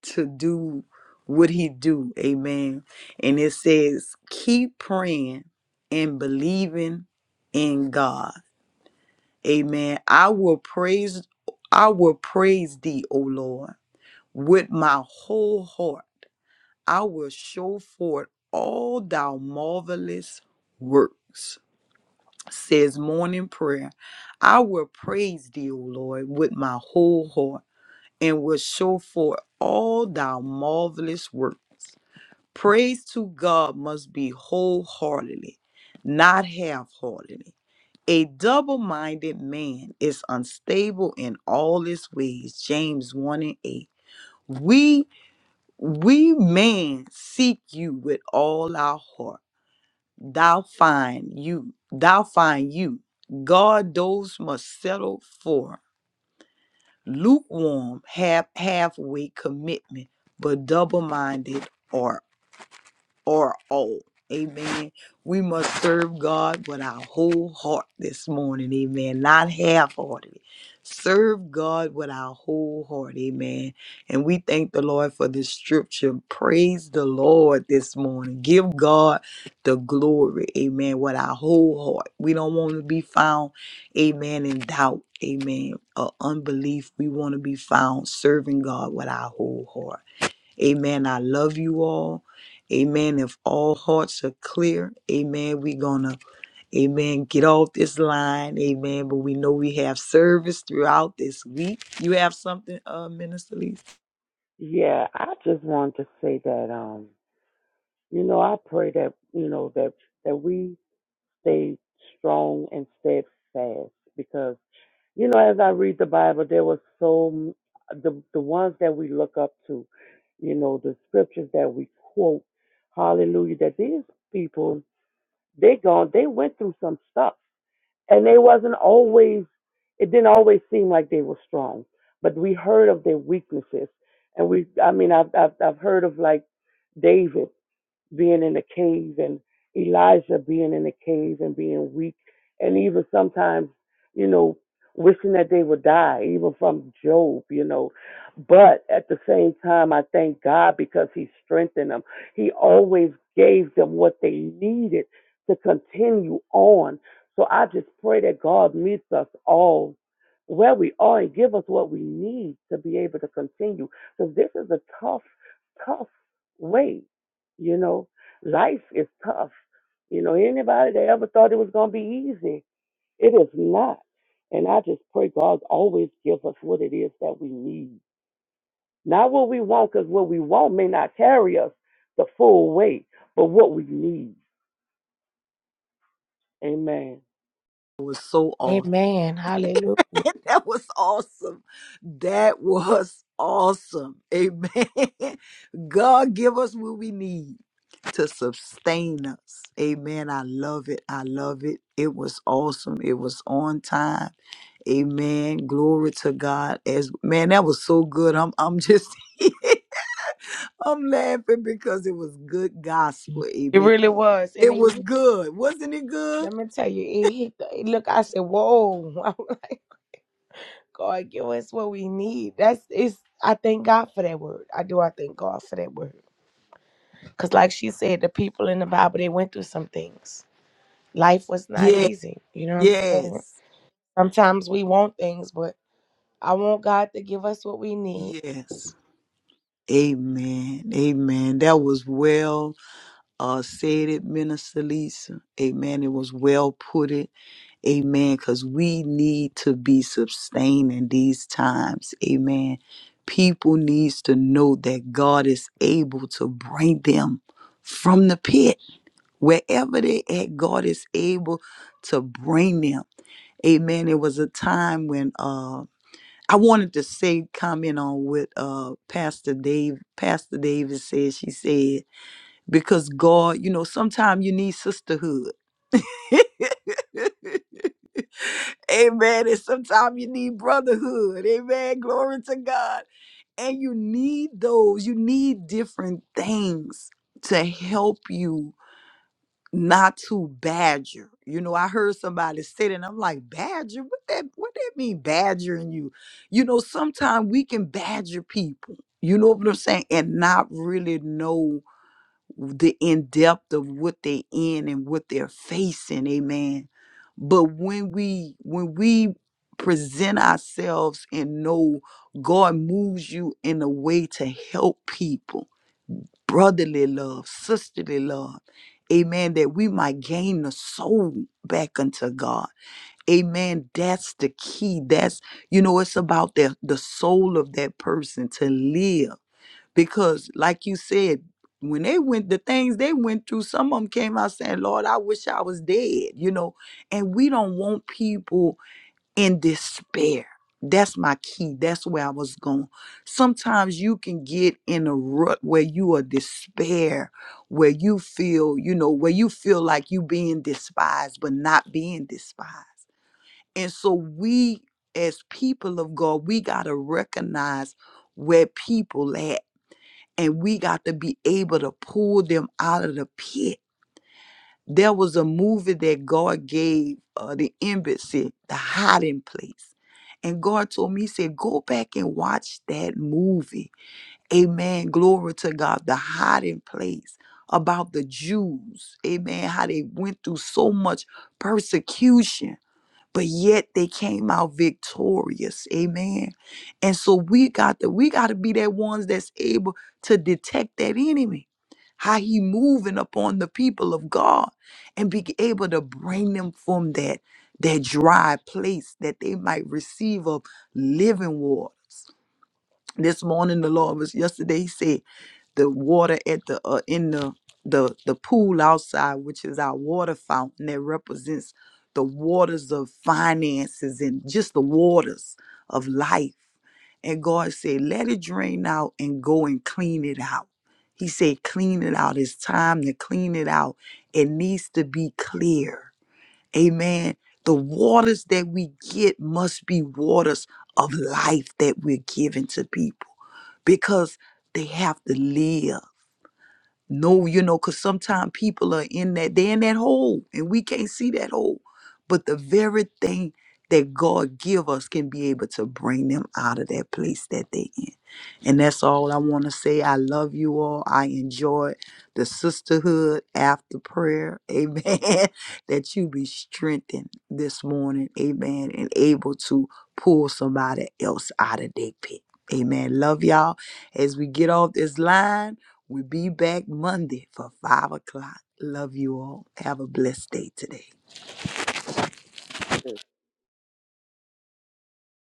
Speaker 2: to do what he do. Amen. And it says, keep praying and believing in God. Amen. I will praise I will praise thee, O Lord, with my whole heart. I will show forth all thy marvelous works. Says morning prayer. I will praise thee, O Lord, with my whole heart, and will show forth all thy marvelous works. Praise to God must be wholeheartedly, not half heartedly. A double minded man is unstable in all his ways. James 1 and 8. We, we man seek you with all our heart. Thou find you, thou find you. God, those must settle for lukewarm, half halfway commitment, but double minded art. or all. Amen. We must serve God with our whole heart this morning. Amen. Not half heartedly. Serve God with our whole heart. Amen. And we thank the Lord for this scripture. Praise the Lord this morning. Give God the glory. Amen. With our whole heart. We don't want to be found, amen, in doubt. Amen. Or unbelief. We want to be found serving God with our whole heart. Amen. I love you all. Amen. If all hearts are clear, amen, we're going to, amen, get off this line. Amen. But we know we have service throughout this week. You have something, uh, Minister Lee?
Speaker 3: Yeah, I just want to say that, um, you know, I pray that, you know, that, that we stay strong and steadfast because You know, as I read the Bible, there was so m- the the ones that we look up to, you know, the scriptures that we quote, Hallelujah. That these people, they gone, they went through some stuff, and they wasn't always. It didn't always seem like they were strong, but we heard of their weaknesses, and we. I mean, I've I've, I've heard of like David being in the cave and Elijah being in the cave and being weak and even sometimes, you know, wishing that they would die, even from Job, you know. But at the same time I thank God because he strengthened them. He always gave them what they needed to continue on. So I just pray that God meets us all where we are and give us what we need to be able to continue. Because this is a tough, tough way you know, life is tough. You know, anybody that ever thought it was going to be easy, it is not. And I just pray God always give us what it is that we need. Not what we want, because what we want may not carry us the full weight, but what we need. Amen.
Speaker 2: It was so awesome.
Speaker 4: Amen. Hallelujah.
Speaker 2: that was awesome. That was awesome. Amen. God give us what we need. to sustain us. Amen. I love it. I love it. It was awesome. It was on time. Amen. Glory to God. As man, that was so good. I'm I'm just I'm laughing because it was good gospel.
Speaker 4: It
Speaker 2: Amen.
Speaker 4: really was. And
Speaker 2: It
Speaker 4: it,
Speaker 2: was good. Wasn't it good?
Speaker 4: let me tell you, it hit the, look, I said, whoa. I'm like, God, give us what we need. That's, it's, I thank God for that word. I do. I thank God for that word. Because, like she said, the people in the Bible, they went through some things life was not
Speaker 2: Yeah.
Speaker 4: easy. You know what I'm saying?
Speaker 2: Yes.
Speaker 4: Sometimes we want things, but I want God to give us what we need
Speaker 2: Yes. Amen. Amen. That was well uh said it, Minister Lisa. Amen. It was well put it. Amen. Because we need to be sustaining these times. Amen. People needs to know that God is able to bring them from the pit. Wherever they at, God is able to bring them. Amen. It was a time when uh I wanted to say comment on what uh Pastor Dave Pastor Davis said. She said, because God, you know, sometimes you need sisterhood. Amen. And sometimes you need brotherhood. Amen. Glory to God. And you need those, you need different things to help you not to badger. You know, I heard somebody say that and I'm like, badger? What that what that mean badgering you? You know, sometimes we can badger people. You know what I'm saying? And not really know the in depth of what they're in and what they're facing amen but when we when we present ourselves and know god moves you in a way to help people brotherly love sisterly love amen that we might gain the soul back unto god amen that's the key that's you know it's about the the soul of that person to live because like you said when they went the things they went through some of them came out saying lord i wish i was dead you know and we don't want people in despair that's my key that's where i was going sometimes you can get in a rut where you are despair where you feel you know where you feel like you being despised but not being despised and so we as people of god we got to recognize where people at and we got to be able to pull them out of the pit. There was a movie that God gave uh, the embassy, the hiding place. And God told me, He said, go back and watch that movie. Amen. Glory to God, the hiding place about the Jews. Amen. How they went through so much persecution but yet they came out victorious amen and so we got to we got to be that ones that's able to detect that enemy how he moving upon the people of god and be able to bring them from that that dry place that they might receive of living waters this morning the lord was yesterday he said the water at the uh, in the the the pool outside which is our water fountain that represents the waters of finances and just the waters of life and god said let it drain out and go and clean it out he said clean it out it's time to clean it out it needs to be clear amen the waters that we get must be waters of life that we're giving to people because they have to live no, you know, because sometimes people are in that, they're in that hole and we can't see that hole. But the very thing that God give us can be able to bring them out of that place that they in. And that's all I want to say. I love you all. I enjoy the sisterhood after prayer. Amen. that you be strengthened this morning. Amen. And able to pull somebody else out of their pit. Amen. Love y'all. As we get off this line. We'll be back Monday for 5 o'clock. Love you all. Have a blessed day today.